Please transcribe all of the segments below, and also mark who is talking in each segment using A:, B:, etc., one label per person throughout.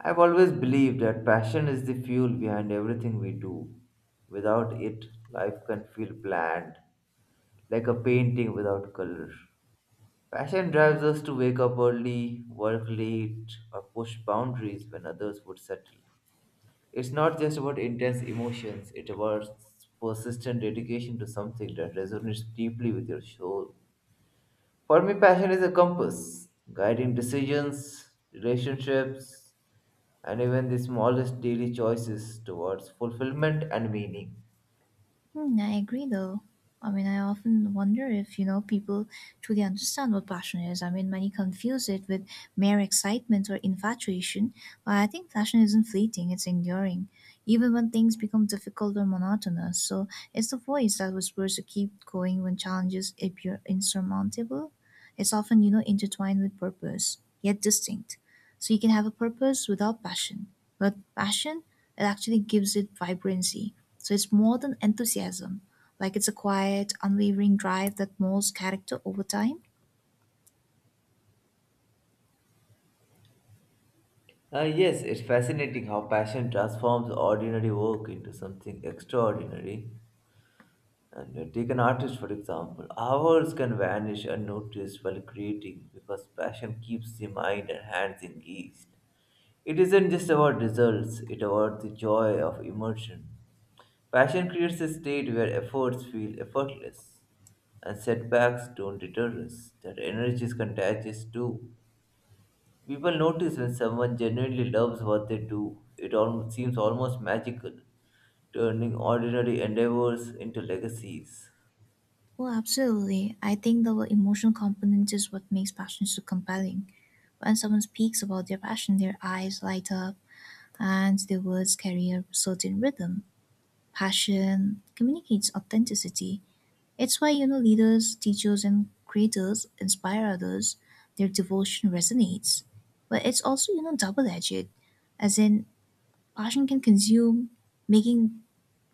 A: I've always believed that passion is the fuel behind everything we do. Without it, life can feel bland, like a painting without color. Passion drives us to wake up early, work late, or push boundaries when others would settle. It's not just about intense emotions, it's about persistent dedication to something that resonates deeply with your soul. For me, passion is a compass guiding decisions, relationships, and even the smallest daily choices towards fulfillment and meaning.
B: Hmm, I agree though. I mean, I often wonder if, people truly understand what passion is. I mean, many confuse it with mere excitement or infatuation, but I think passion isn't fleeting, it's enduring, even when things become difficult or monotonous. So it's the voice that whispers to keep going when challenges appear insurmountable. It's often, intertwined with purpose, yet distinct. So you can have a purpose without passion, but passion, it actually gives it vibrancy so it's more than enthusiasm. Like it's a quiet, unwavering drive that molds character over time.
A: Yes, it's fascinating how passion transforms ordinary work into something extraordinary. And take an artist, for example. Hours can vanish unnoticed while creating because passion keeps the mind and hands engaged. It isn't just about results, it's about the joy of immersion. Passion creates a state where efforts feel effortless and setbacks don't deter us. That energy is contagious too. People notice when someone genuinely loves what they do. It seems almost magical, turning ordinary endeavors into legacies.
B: Well, absolutely. I think the emotional component is what makes passion so compelling. When someone speaks about their passion, their eyes light up and their words carry a certain rhythm. Passion communicates authenticity. It's why, leaders, teachers, and creators inspire others. Their devotion resonates. But it's also, double edged. As in, passion can consume, making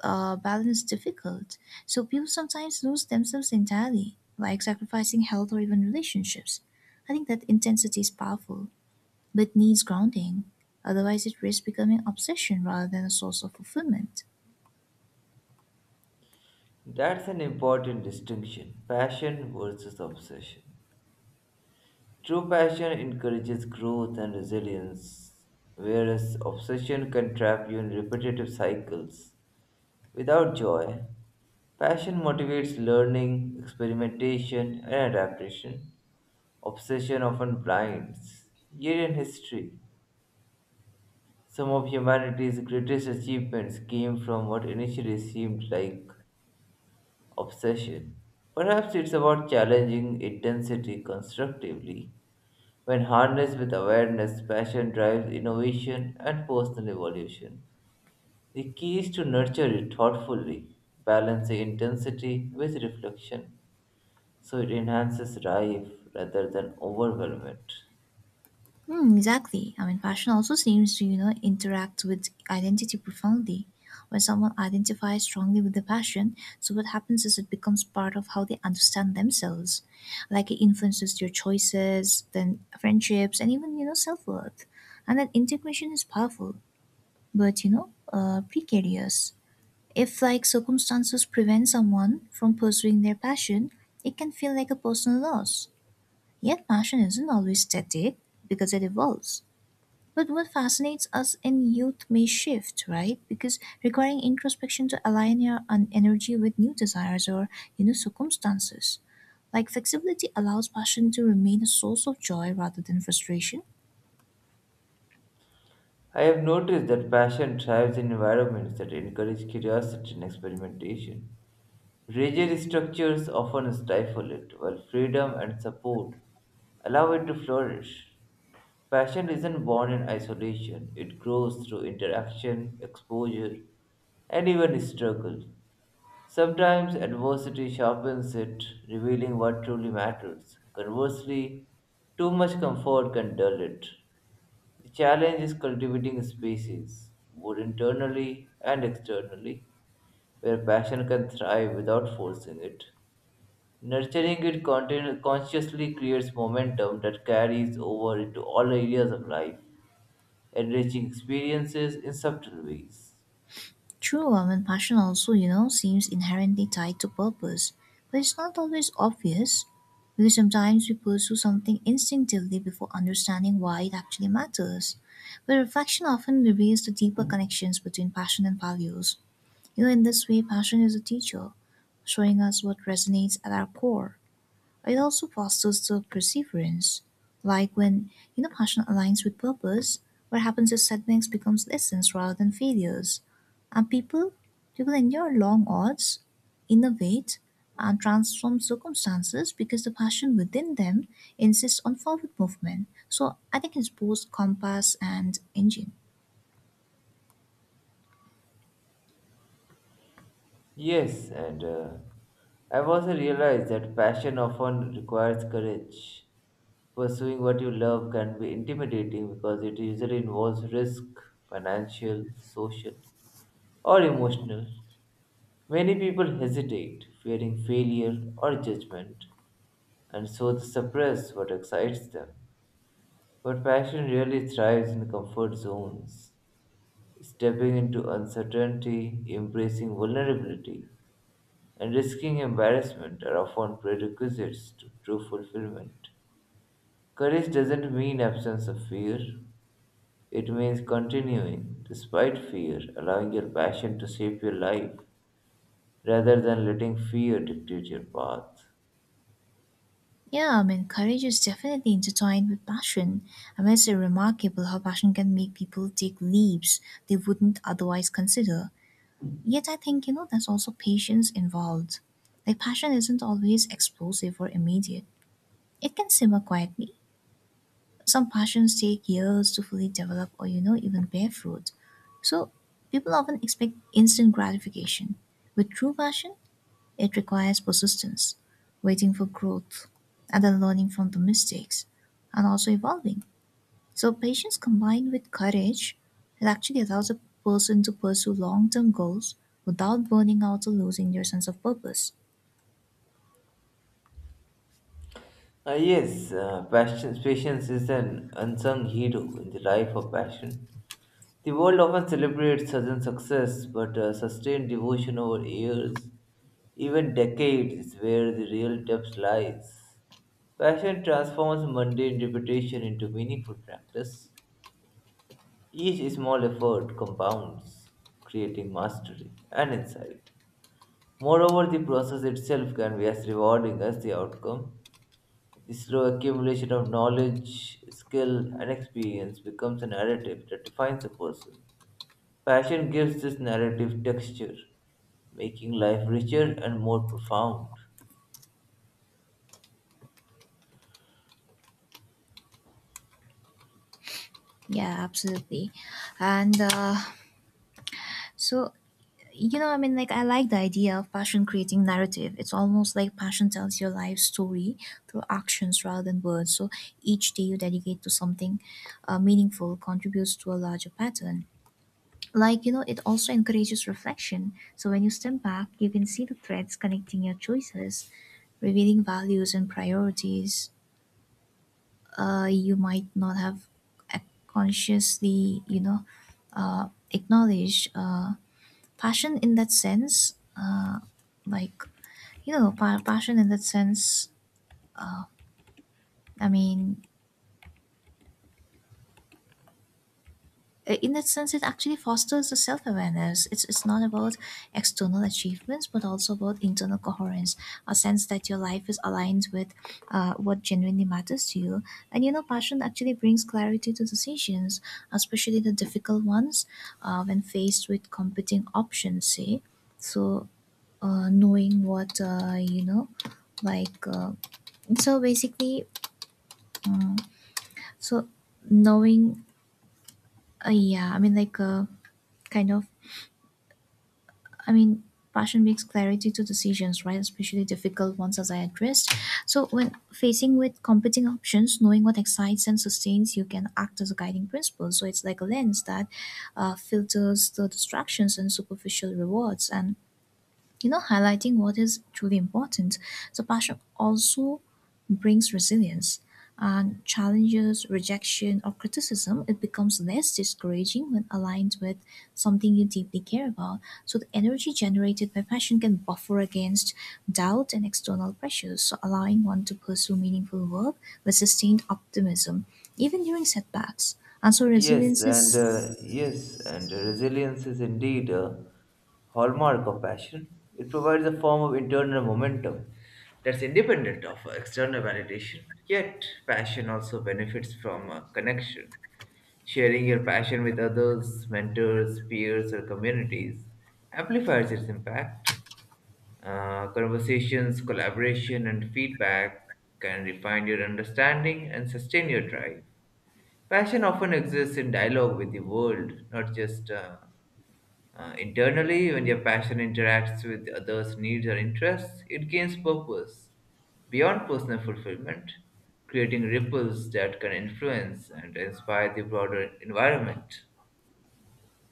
B: balance difficult. So people sometimes lose themselves entirely, like sacrificing health or even relationships. I think that intensity is powerful, but needs grounding. Otherwise, it risks becoming obsession rather than a source of fulfillment.
A: That's an important distinction, passion versus obsession. True passion encourages growth and resilience, whereas obsession can trap you in repetitive cycles. Without joy, passion motivates learning, experimentation, and adaptation. Obsession often blinds. Yet in history, some of humanity's greatest achievements came from what initially seemed like obsession. Perhaps it's about challenging intensity constructively. When harnessed with awareness, passion drives innovation and personal evolution. The key is to nurture it thoughtfully, balancing intensity with reflection so it enhances life rather than overwhelm it.
B: Mm, exactly. I mean, fashion also seems to, interact with identity profoundly. When someone identifies strongly with the passion, so what happens is it becomes part of how they understand themselves. Like it influences their choices, then friendships, and even, self worth. And that integration is powerful, but, precarious. If, like, circumstances prevent someone from pursuing their passion, it can feel like a personal loss. Yet, passion isn't always static because it evolves. But what fascinates us in youth may shift, right? Because requiring introspection to align your energy with new desires or you know circumstances. Like flexibility allows passion to remain a source of joy rather than frustration.
A: I have noticed that passion thrives in environments that encourage curiosity and experimentation. Rigid structures often stifle it, while freedom and support allow it to flourish. Passion isn't born in isolation, it grows through interaction, exposure, and even struggle. Sometimes adversity sharpens it, revealing what truly matters. Conversely, too much comfort can dull it. The challenge is cultivating spaces, both internally and externally, where passion can thrive without forcing it. Nurturing it consciously creates momentum that carries over into all areas of life, enriching experiences in subtle ways.
B: True love and passion also, seems inherently tied to purpose, but it's not always obvious because sometimes we pursue something instinctively before understanding why it actually matters. But reflection often reveals the deeper connections between passion and values. You know, in this way, passion is a teacher, showing us what resonates at our core. It also fosters the perseverance. Like when, passion aligns with purpose, what happens is setbacks becomes lessons rather than failures. And people endure long odds, innovate, and transform circumstances because the passion within them insists on forward movement. So I think it's both compass and engine.
A: Yes, and I've also realized that passion often requires courage. Pursuing what you love can be intimidating because it usually involves risk, financial, social, or emotional. Many people hesitate, fearing failure or judgment, and so they suppress what excites them. But passion really thrives in comfort zones. Stepping into uncertainty, embracing vulnerability, and risking embarrassment are often prerequisites to true fulfillment. Courage doesn't mean absence of fear, it means continuing despite fear, allowing your passion to shape your life rather than letting fear dictate your path.
B: Yeah, I mean, courage is definitely intertwined with passion. I mean, it's remarkable how passion can make people take leaps they wouldn't otherwise consider. Yet, I think, there's also patience involved. Like, passion isn't always explosive or immediate, it can simmer quietly. Some passions take years to fully develop or, even bear fruit. So, people often expect instant gratification. With true passion, it requires persistence, waiting for growth, and then learning from the mistakes and also evolving. So, patience combined with courage, it actually allows a person to pursue long term goals without burning out or losing their sense of purpose.
A: Patience is an unsung hero in the life of passion. The world often celebrates sudden success, but sustained devotion over years, even decades, is where the real depth lies. Passion transforms mundane repetition into meaningful practice. Each small effort compounds, creating mastery and insight. Moreover, the process itself can be as rewarding as the outcome. The slow accumulation of knowledge, skill, and experience becomes a narrative that defines a person. Passion gives this narrative texture, making life richer and more profound.
B: Yeah, absolutely. And So, you know, I mean, like, I like the idea of passion creating narrative. It's almost like passion tells your life story through actions rather than words. So, each day you dedicate to something meaningful contributes to a larger pattern. Like, you know, it also encourages reflection. So, when you step back, you can see the threads connecting your choices, revealing values and priorities you might not have uh, consciously, acknowledged. Passion in that sense like you know pa- Passion in that sense, i mean in that sense, it actually fosters the self awareness. It's not about external achievements, but also about internal coherence, a sense that your life is aligned with what genuinely matters to you. And you know, passion actually brings clarity to decisions, especially the difficult ones when faced with competing options, say. So, knowing what, you know, like, so basically, so knowing, yeah, I mean, like, kind of I mean, Passion brings clarity to decisions, right? Especially difficult ones, as I addressed. So, when facing with competing options, knowing what excites and sustains you can act as a guiding principle. So, it's like a lens that filters the distractions and superficial rewards. And you know, highlighting what is truly important. So passion also brings resilience and challenges, rejection, or criticism. It becomes less discouraging when aligned with something you deeply care about. So the energy generated by passion can buffer against doubt and external pressures, so allowing one to pursue meaningful work with sustained optimism, even during setbacks. And so
A: Yes,
B: resilience
A: and uh,
B: is
A: yes, and resilience is indeed a hallmark of passion. It provides a form of internal momentum that's independent of external validation. Yet, passion also benefits from connection. Sharing your passion with others, mentors, peers, or communities amplifies its impact. Conversations, collaboration, and feedback can refine your understanding and sustain your drive. Passion often exists in dialogue with the world, not just internally. When your passion interacts with others' needs or interests, it gains purpose beyond personal fulfillment, creating ripples that can influence and inspire the broader environment.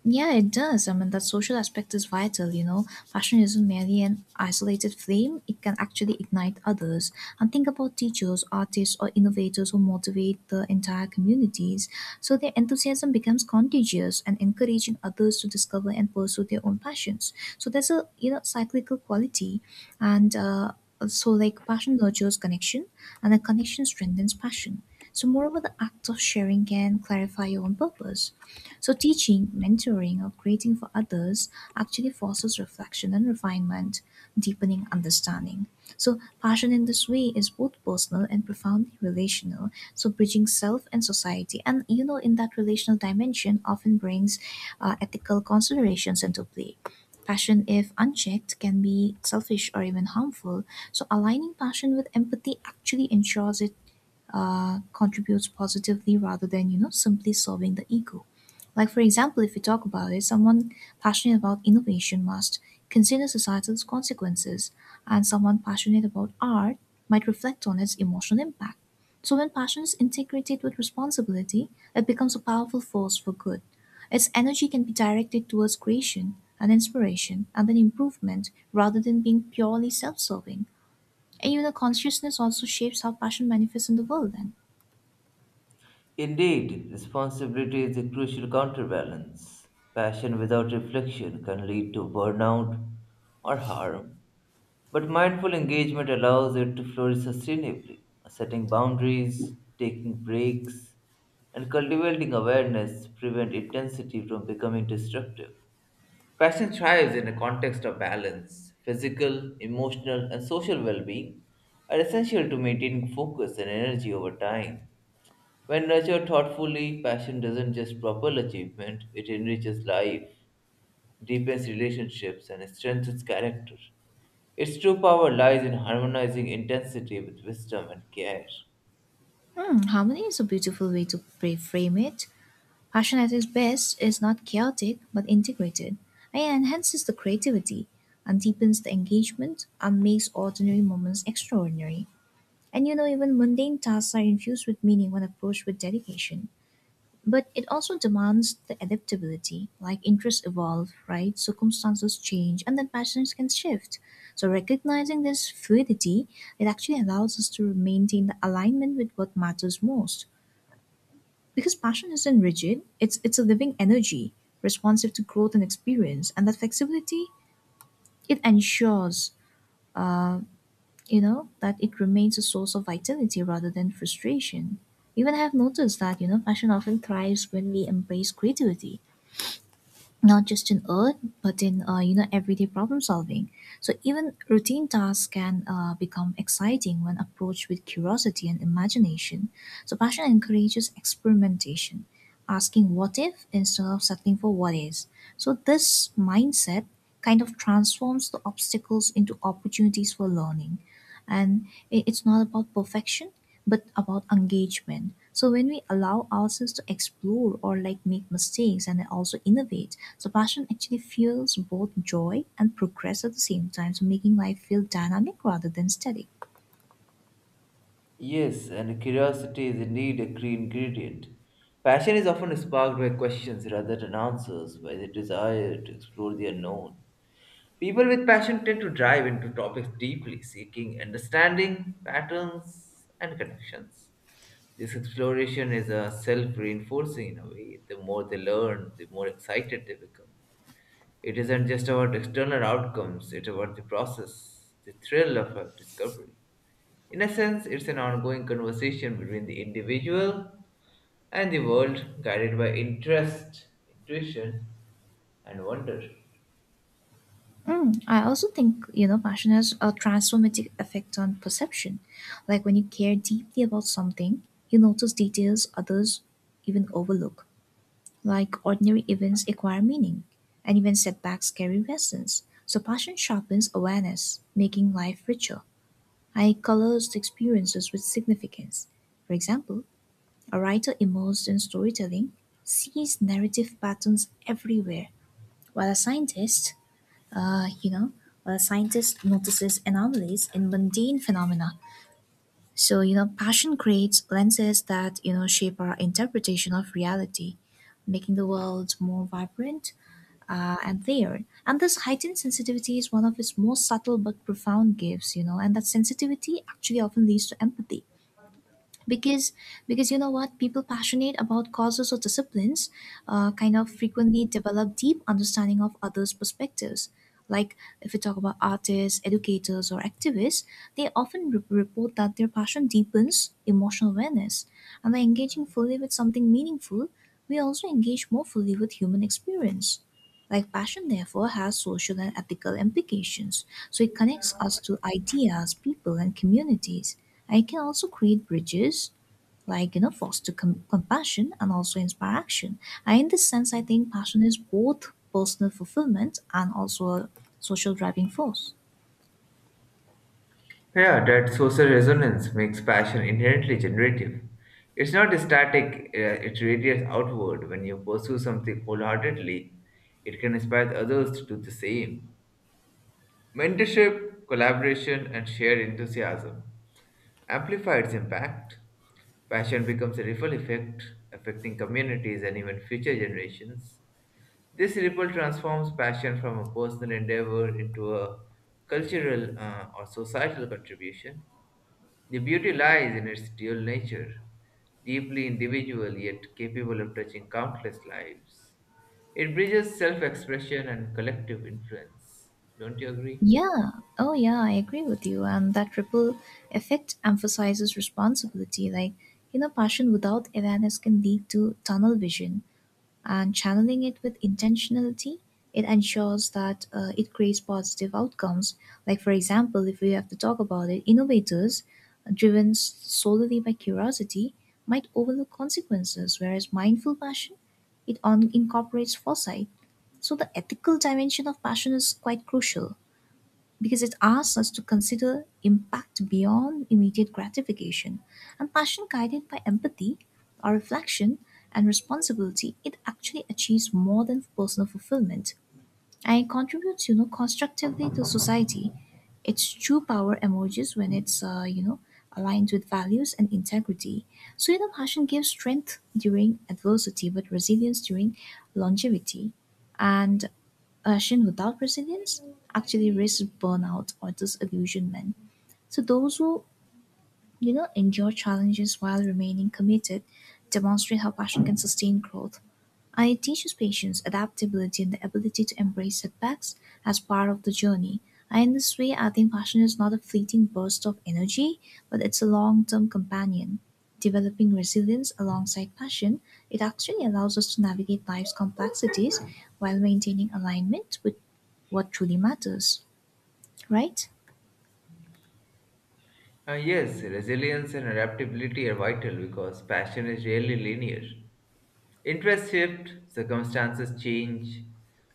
B: yeah, it does. I mean, that social aspect is vital, you know. Passion isn't merely an isolated flame, it can actually ignite others. And think about teachers, artists, or innovators who motivate the entire communities. So their enthusiasm becomes contagious and encouraging others to discover and pursue their own passions. So there's a, cyclical quality. And uh, like, passion nurtures connection, and a connection strengthens passion. So, moreover, the act of sharing can clarify your own purpose. So, teaching, mentoring, or creating for others actually fosters reflection and refinement, deepening understanding. So, passion in this way is both personal and profoundly relational. So, bridging self and society, and you know, in that relational dimension, often brings ethical considerations into play. Passion, if unchecked, can be selfish or even harmful. So, aligning passion with empathy actually ensures it contributes positively rather than you know simply serving the ego, like for example if we talk about it, someone passionate about innovation must consider societal consequences, and someone passionate about art might reflect on its emotional impact. So when passion is integrated with responsibility, it becomes a powerful force for good. Its energy can be directed towards creation and inspiration and then improvement rather than being purely self-serving, and even the consciousness also shapes how passion manifests in the world then.
A: Indeed, responsibility is a crucial counterbalance. Passion without reflection can lead to burnout or harm, but mindful engagement allows it to flourish sustainably. Setting boundaries, taking breaks, and cultivating awareness prevent intensity from becoming destructive. Passion thrives in a context of balance. Physical, emotional, and social well being are essential to maintaining focus and energy over time. When nurtured thoughtfully, passion doesn't just propel achievement, it enriches life, deepens relationships, and strengthens character. Its true power lies in harmonizing intensity with wisdom and care.
B: Hmm, harmony is a beautiful way to frame it. Passion at its best is not chaotic but integrated, and enhances the creativity, and deepens the engagement, and makes ordinary moments extraordinary. And you know, even mundane tasks are infused with meaning when approached with dedication. But it also demands the adaptability, like interests evolve, right? Circumstances change, and then passions can shift. So, recognizing this fluidity, it actually allows us to maintain the alignment with what matters most because passion isn't rigid, it's a living energy, responsive to growth and experience, and that flexibility it ensures, that it remains a source of vitality rather than frustration. Even I have noticed that, you know, passion often thrives when we embrace creativity, not just in art but in you know everyday problem solving. So even routine tasks can become exciting when approached with curiosity and imagination. So passion encourages experimentation, asking what if instead of settling for what is. So this mindset kind of transforms the obstacles into opportunities for learning, and it's not about perfection but about engagement. So when we allow ourselves to explore or like make mistakes and also innovate, so passion actually fuels both joy and progress at the same time, so making life feel dynamic rather than static.
A: Yes, and curiosity is indeed a key ingredient. Passion is often sparked by questions rather than answers, by the desire to explore the unknown. People with passion tend to dive into topics deeply, seeking understanding, patterns, and connections. This exploration is a self reinforcing in a way. The more they learn, the more excited they become. It isn't just about external outcomes, it's about the process, the thrill of a discovery. In a sense, it's an ongoing conversation between the individual and the world, guided by interest, intuition, and wonder.
B: Mm, I also think you know passion has a transformative effect on perception. Like when you care deeply about something, you notice details others even overlook. Like ordinary events acquire meaning, and even setbacks carry lessons. So passion sharpens awareness, making life richer. I colors the experiences with significance. For example, a writer immersed in storytelling sees narrative patterns everywhere, while a uh, you know, scientist notices anomalies in mundane phenomena. So you know, passion creates lenses that you know shape our interpretation of reality, making the world more vibrant and there. And this heightened sensitivity is one of its most subtle but profound gifts, you know, and that sensitivity actually often leads to empathy, because because you know what, people passionate about causes or disciplines kind of frequently develop deep understanding of others perspectives. Like if we talk about artists, educators, or activists, they often report that their passion deepens emotional awareness, and by engaging fully with something meaningful we also engage more fully with human experience. Like passion therefore has social and ethical implications, so it connects us to ideas, people, and communities. I can also create bridges, like you know, foster compassion and also inspire action. And in this sense, I think passion is both personal fulfillment and also a social driving force.
A: Yeah, that social resonance makes passion inherently generative. It's not static, it radiates outward. When you pursue something wholeheartedly, it can inspire others to do the same. Mentorship, collaboration, and shared enthusiasm amplify its impact. Passion becomes a ripple effect, affecting communities and even future generations. This ripple transforms passion from a personal endeavor into a cultural or societal contribution. The beauty lies in its dual nature, deeply individual yet capable of touching countless lives. It bridges self expression and collective influence. Don't you agree?
B: Yeah. Oh, yeah, I agree with you. And that ripple effect emphasizes responsibility. Like, you know, passion without awareness can lead to tunnel vision, and channeling it with intentionality, it ensures that it creates positive outcomes. Like, for example, if we have to talk about it, innovators driven solely by curiosity might overlook consequences, whereas mindful passion it incorporates foresight. So, the ethical dimension of passion is quite crucial because it asks us to consider impact beyond immediate gratification. And passion guided by empathy, our reflection, and responsibility, it actually achieves more than personal fulfillment. And it contributes, you know, constructively to society. Its true power emerges when it's aligned with values and integrity. So, you know, passion gives strength during adversity, but resilience during longevity. And passion without resilience actually risks burnout or disillusionment. So those who, you know, endure challenges while remaining committed demonstrate how passion can sustain growth. It teaches patience, adaptability, and the ability to embrace setbacks as part of the journey. And in this way, I think passion is not a fleeting burst of energy, but it's a long term companion. Developing resilience alongside passion, it actually allows us to navigate life's complexities while maintaining alignment with what truly matters, right?
A: Yes, resilience and adaptability are vital because passion is rarely linear. Interests shift, circumstances change,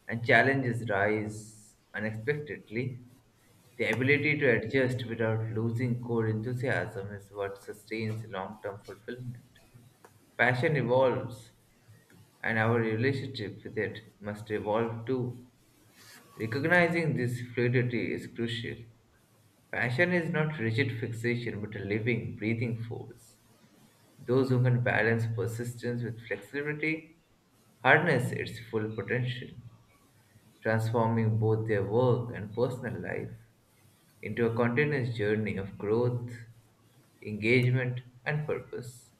A: and challenges rise unexpectedly. The ability to adjust without losing core enthusiasm is what sustains long term fulfillment. Passion evolves, and our relationship with it must evolve too. Recognizing this fluidity is crucial. Passion is not rigid fixation but a living, breathing force. Those who can balance persistence with flexibility harness its full potential, transforming both their work and personal life into a continuous journey of growth, engagement, and purpose.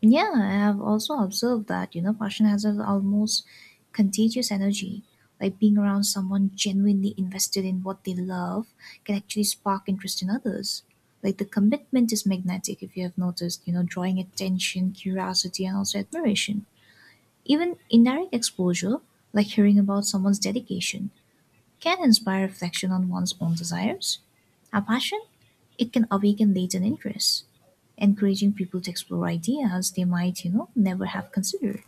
B: Yeah, I have also observed that, you know, passion has an almost contagious energy. Like being around someone genuinely invested in what they love can actually spark interest in others. Like the commitment is magnetic, if you have noticed, you know, drawing attention, curiosity, and also admiration. Even indirect exposure, like hearing about someone's dedication, can inspire reflection on one's own desires. A passion, it can awaken latent interests encouraging people to explore ideas they might, you know, never have considered.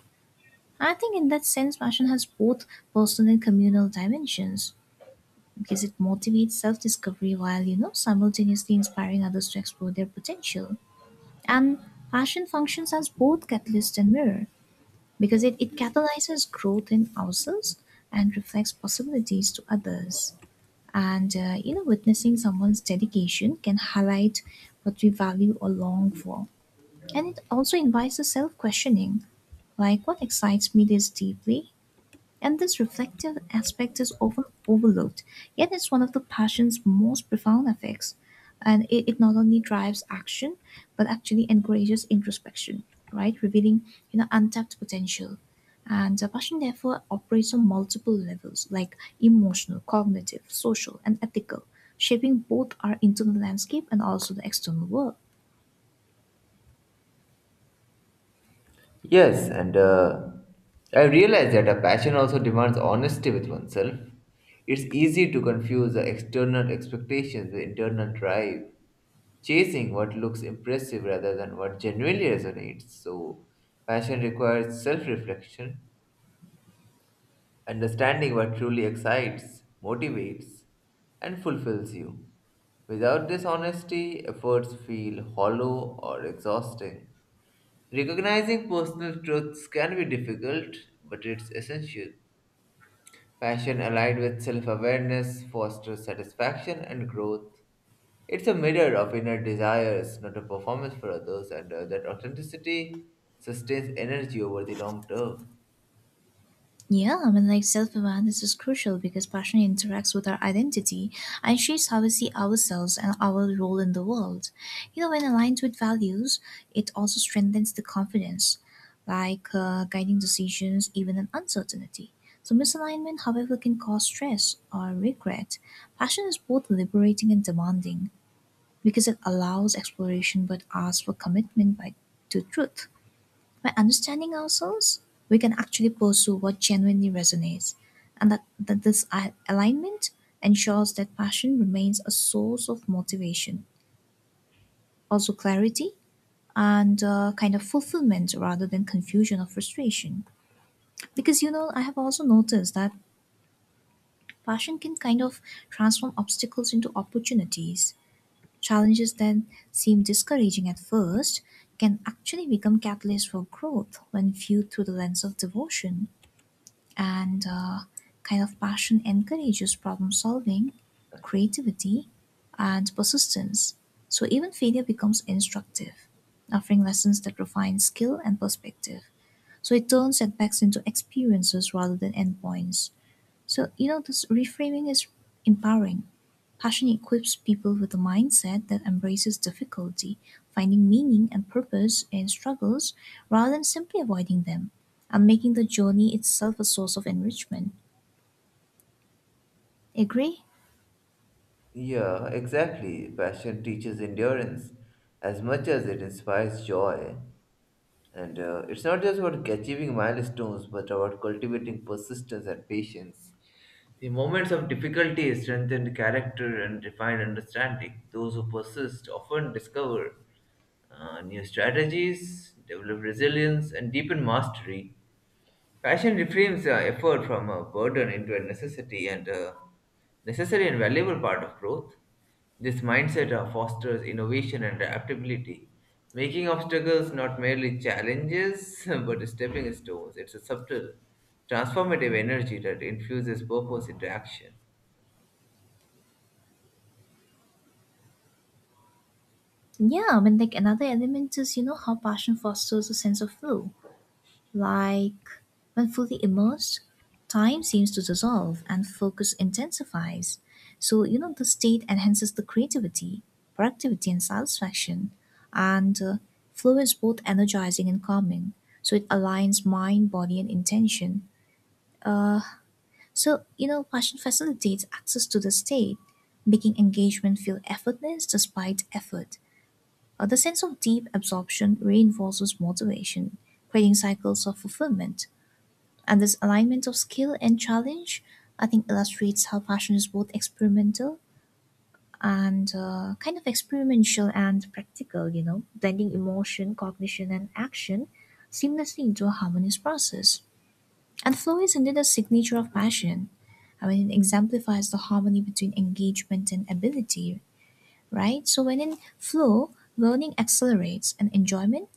B: I think in that sense, fashion has both personal and communal dimensions because it motivates self-discovery while, you know, simultaneously inspiring others to explore their potential. And fashion functions as both catalyst and mirror because it catalyzes growth in ourselves and reflects possibilities to others. And, you know, witnessing someone's dedication can highlight what we value or long for, and it also invites a self questioning, like, what excites me this deeply? And this reflective aspect is often overlooked, yet, it's one of the passion's most profound effects. And it not only drives action, but actually encourages introspection, right? Revealing, you know, untapped potential. And passion, therefore, operates on multiple levels like emotional, cognitive, social, and ethical, shaping both our internal landscape and also the external world.
A: Yes, and I realize that a passion also demands honesty with oneself. It's easy to confuse the external expectations with internal drive, chasing what looks impressive rather than what genuinely resonates. So, passion requires self reflection, understanding what truly excites, motivates, and fulfills you. Without this honesty, efforts feel hollow or exhausting. Recognizing personal truths can be difficult, but it's essential. Passion aligned with self awareness fosters satisfaction and growth. It's a mirror of inner desires, not a performance for others, and that authenticity sustains energy over the long term.
B: Yeah, I mean, like self awareness is crucial because passion interacts with our identity and shapes how we see ourselves and our role in the world. You know, when aligned with values, it also strengthens the confidence, like guiding decisions even in uncertainty. So, misalignment, however, can cause stress or regret. Passion is both liberating and demanding because it allows exploration but asks for commitment by, to truth. By understanding ourselves, we can actually pursue what genuinely resonates, and that this alignment ensures that passion remains a source of motivation, also clarity and kind of fulfillment rather than confusion or frustration. Because you know, I have also noticed that passion can kind of transform obstacles into opportunities. Challenges that seem discouraging at first can actually become catalysts for growth when viewed through the lens of devotion. And kind of passion encourages problem solving, creativity, and persistence. So even failure becomes instructive, offering lessons that refine skill and perspective. So it turns setbacks into experiences rather than endpoints. So, you know, this reframing is empowering. Passion equips people with a mindset that embraces difficulty, finding meaning and purpose in struggles rather than simply avoiding them, and making the journey itself a source of enrichment. Agree?
A: Yeah, exactly. Passion teaches endurance as much as it inspires joy. And it's not just about achieving milestones, but about cultivating persistence and patience. The moments of difficulty strengthen character and refine understanding. Those who persist often discover new strategies, develop resilience, and deepen mastery. Passion reframes effort from a burden into a necessity and necessary and valuable part of growth. This mindset fosters innovation and adaptability, making obstacles not merely challenges but stepping stones. It's a subtle, transformative energy that infuses purpose into action.
B: Yeah, I mean, like another element is, you know, how passion fosters a sense of flow. Like when fully immersed, time seems to dissolve and focus intensifies. So, you know, the state enhances the creativity, productivity, and satisfaction, and flow is both energizing and calming. So, it aligns mind, body, and intention. Uh, so, you know, passion facilitates access to the state, making engagement feel effortless despite effort. The sense of deep absorption reinforces motivation, creating cycles of fulfillment. And this alignment of skill and challenge, I think, illustrates how fashion is both experimental and practical, you know, blending emotion, cognition, and action seamlessly into a harmonious process. And flow is indeed a signature of fashion. I mean, it exemplifies the harmony between engagement and ability, right? So, when in flow, learning accelerates and enjoyment,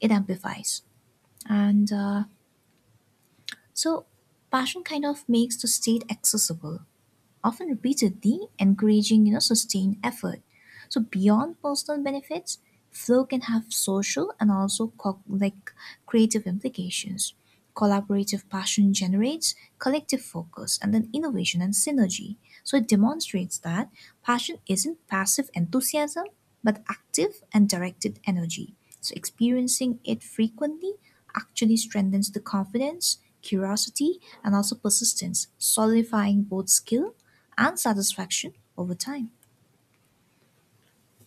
B: it amplifies. And so, passion kind of makes the state accessible often repeatedly, encouraging you know sustained effort. So beyond personal benefits, flow can have social and also like creative implications. Collaborative passion generates collective focus and then innovation and synergy. So it demonstrates that passion isn't passive enthusiasm, but active and directed energy. So, experiencing it frequently actually strengthens the confidence, curiosity, and also persistence, solidifying both skill and satisfaction over time.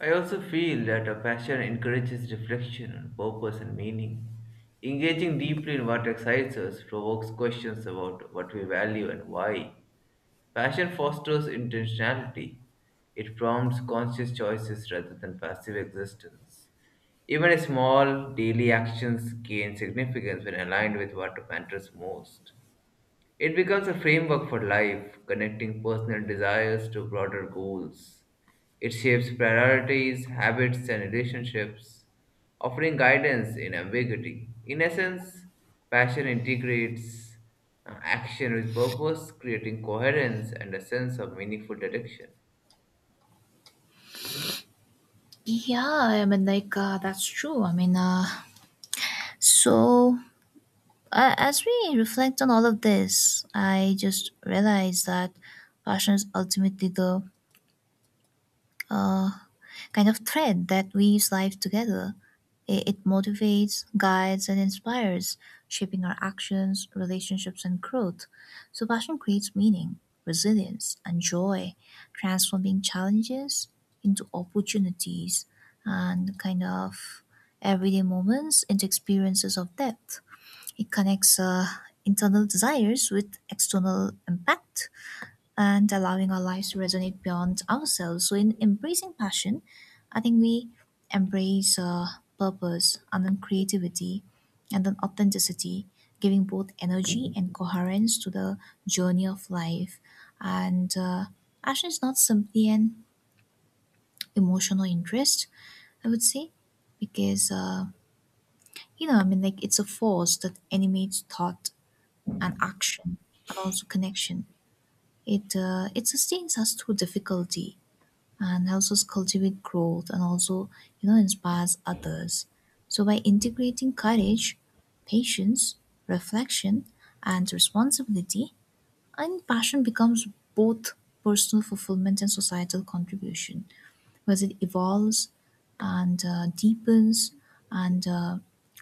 A: I also feel that a passion encourages reflection on purpose and meaning. Engaging deeply in what excites us provokes questions about what we value and why. Passion fosters intentionality. It prompts conscious choices rather than passive existence. Even small daily actions gain significance when aligned with what matters most. It becomes a framework for life, connecting personal desires to broader goals. It shapes priorities, habits, and relationships, offering guidance in ambiguity. In essence, passion integrates action with purpose, creating coherence and a sense of meaningful direction.
B: Yeah, I mean, like, that's true. So as we reflect on all of this, I just realized that passion is ultimately the uh, kind of thread that weaves life together. It motivates, guides, and inspires, shaping our actions, relationships, and growth. So, passion creates meaning, resilience, and joy, transforming challenges into opportunities and kind of everyday moments into experiences of depth. It connects internal desires with external impact and allowing our lives to resonate beyond ourselves. So, in embracing passion, I think we embrace purpose and then creativity and then authenticity, giving both energy and coherence to the journey of life. And passion is not simply an emotional interest, I would say, because, it's a force that animates thought and action and also connection. It sustains us through difficulty and helps us cultivate growth and also you know inspires others. So by integrating courage, patience, reflection, and responsibility, and passion becomes both personal fulfillment and societal contribution because it evolves and deepens and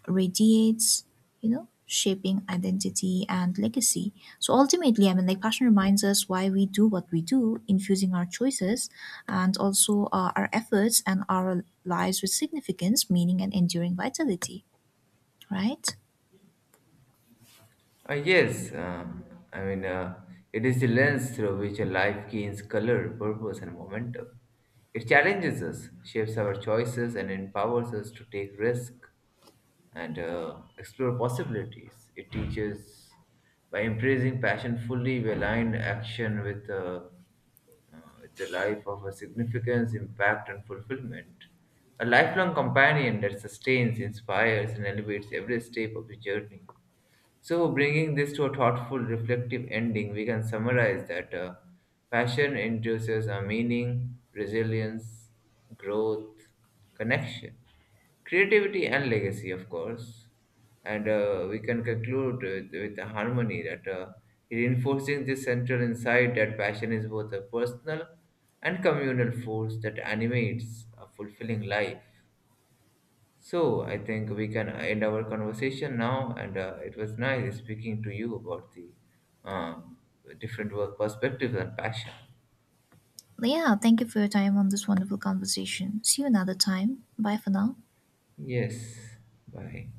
B: radiates, you know, shaping identity and legacy. So ultimately, I mean, like passion reminds us why we do what we do, infusing our choices and also our efforts and our lives with significance, meaning, and enduring vitality, right?
A: Uh, yes, uh, I mean, uh, it is the lens through which a life gains color, purpose, and momentum. It challenges us, shapes our choices, and empowers us to take risks and explore possibilities. It teaches by embracing passion fully. We align action with uh, the life of a significance, impact, and fulfillment. A lifelong companion that sustains, inspires, and elevates every step of the journey. So, bringing this to a thoughtful, reflective ending, we can summarize that passion induces a meaning, resilience, growth, connection, creativity, and legacy, of course. And we can conclude with a harmony that reinforcing this central insight that passion is both a personal and communal force that animates a fulfilling life. So I think we can end our conversation now, and it was nice speaking to you about the um, different work perspectives and passion.
B: Yeah, thank you for your time on this wonderful conversation. See you another time. Bye for now.
A: Yes, bye.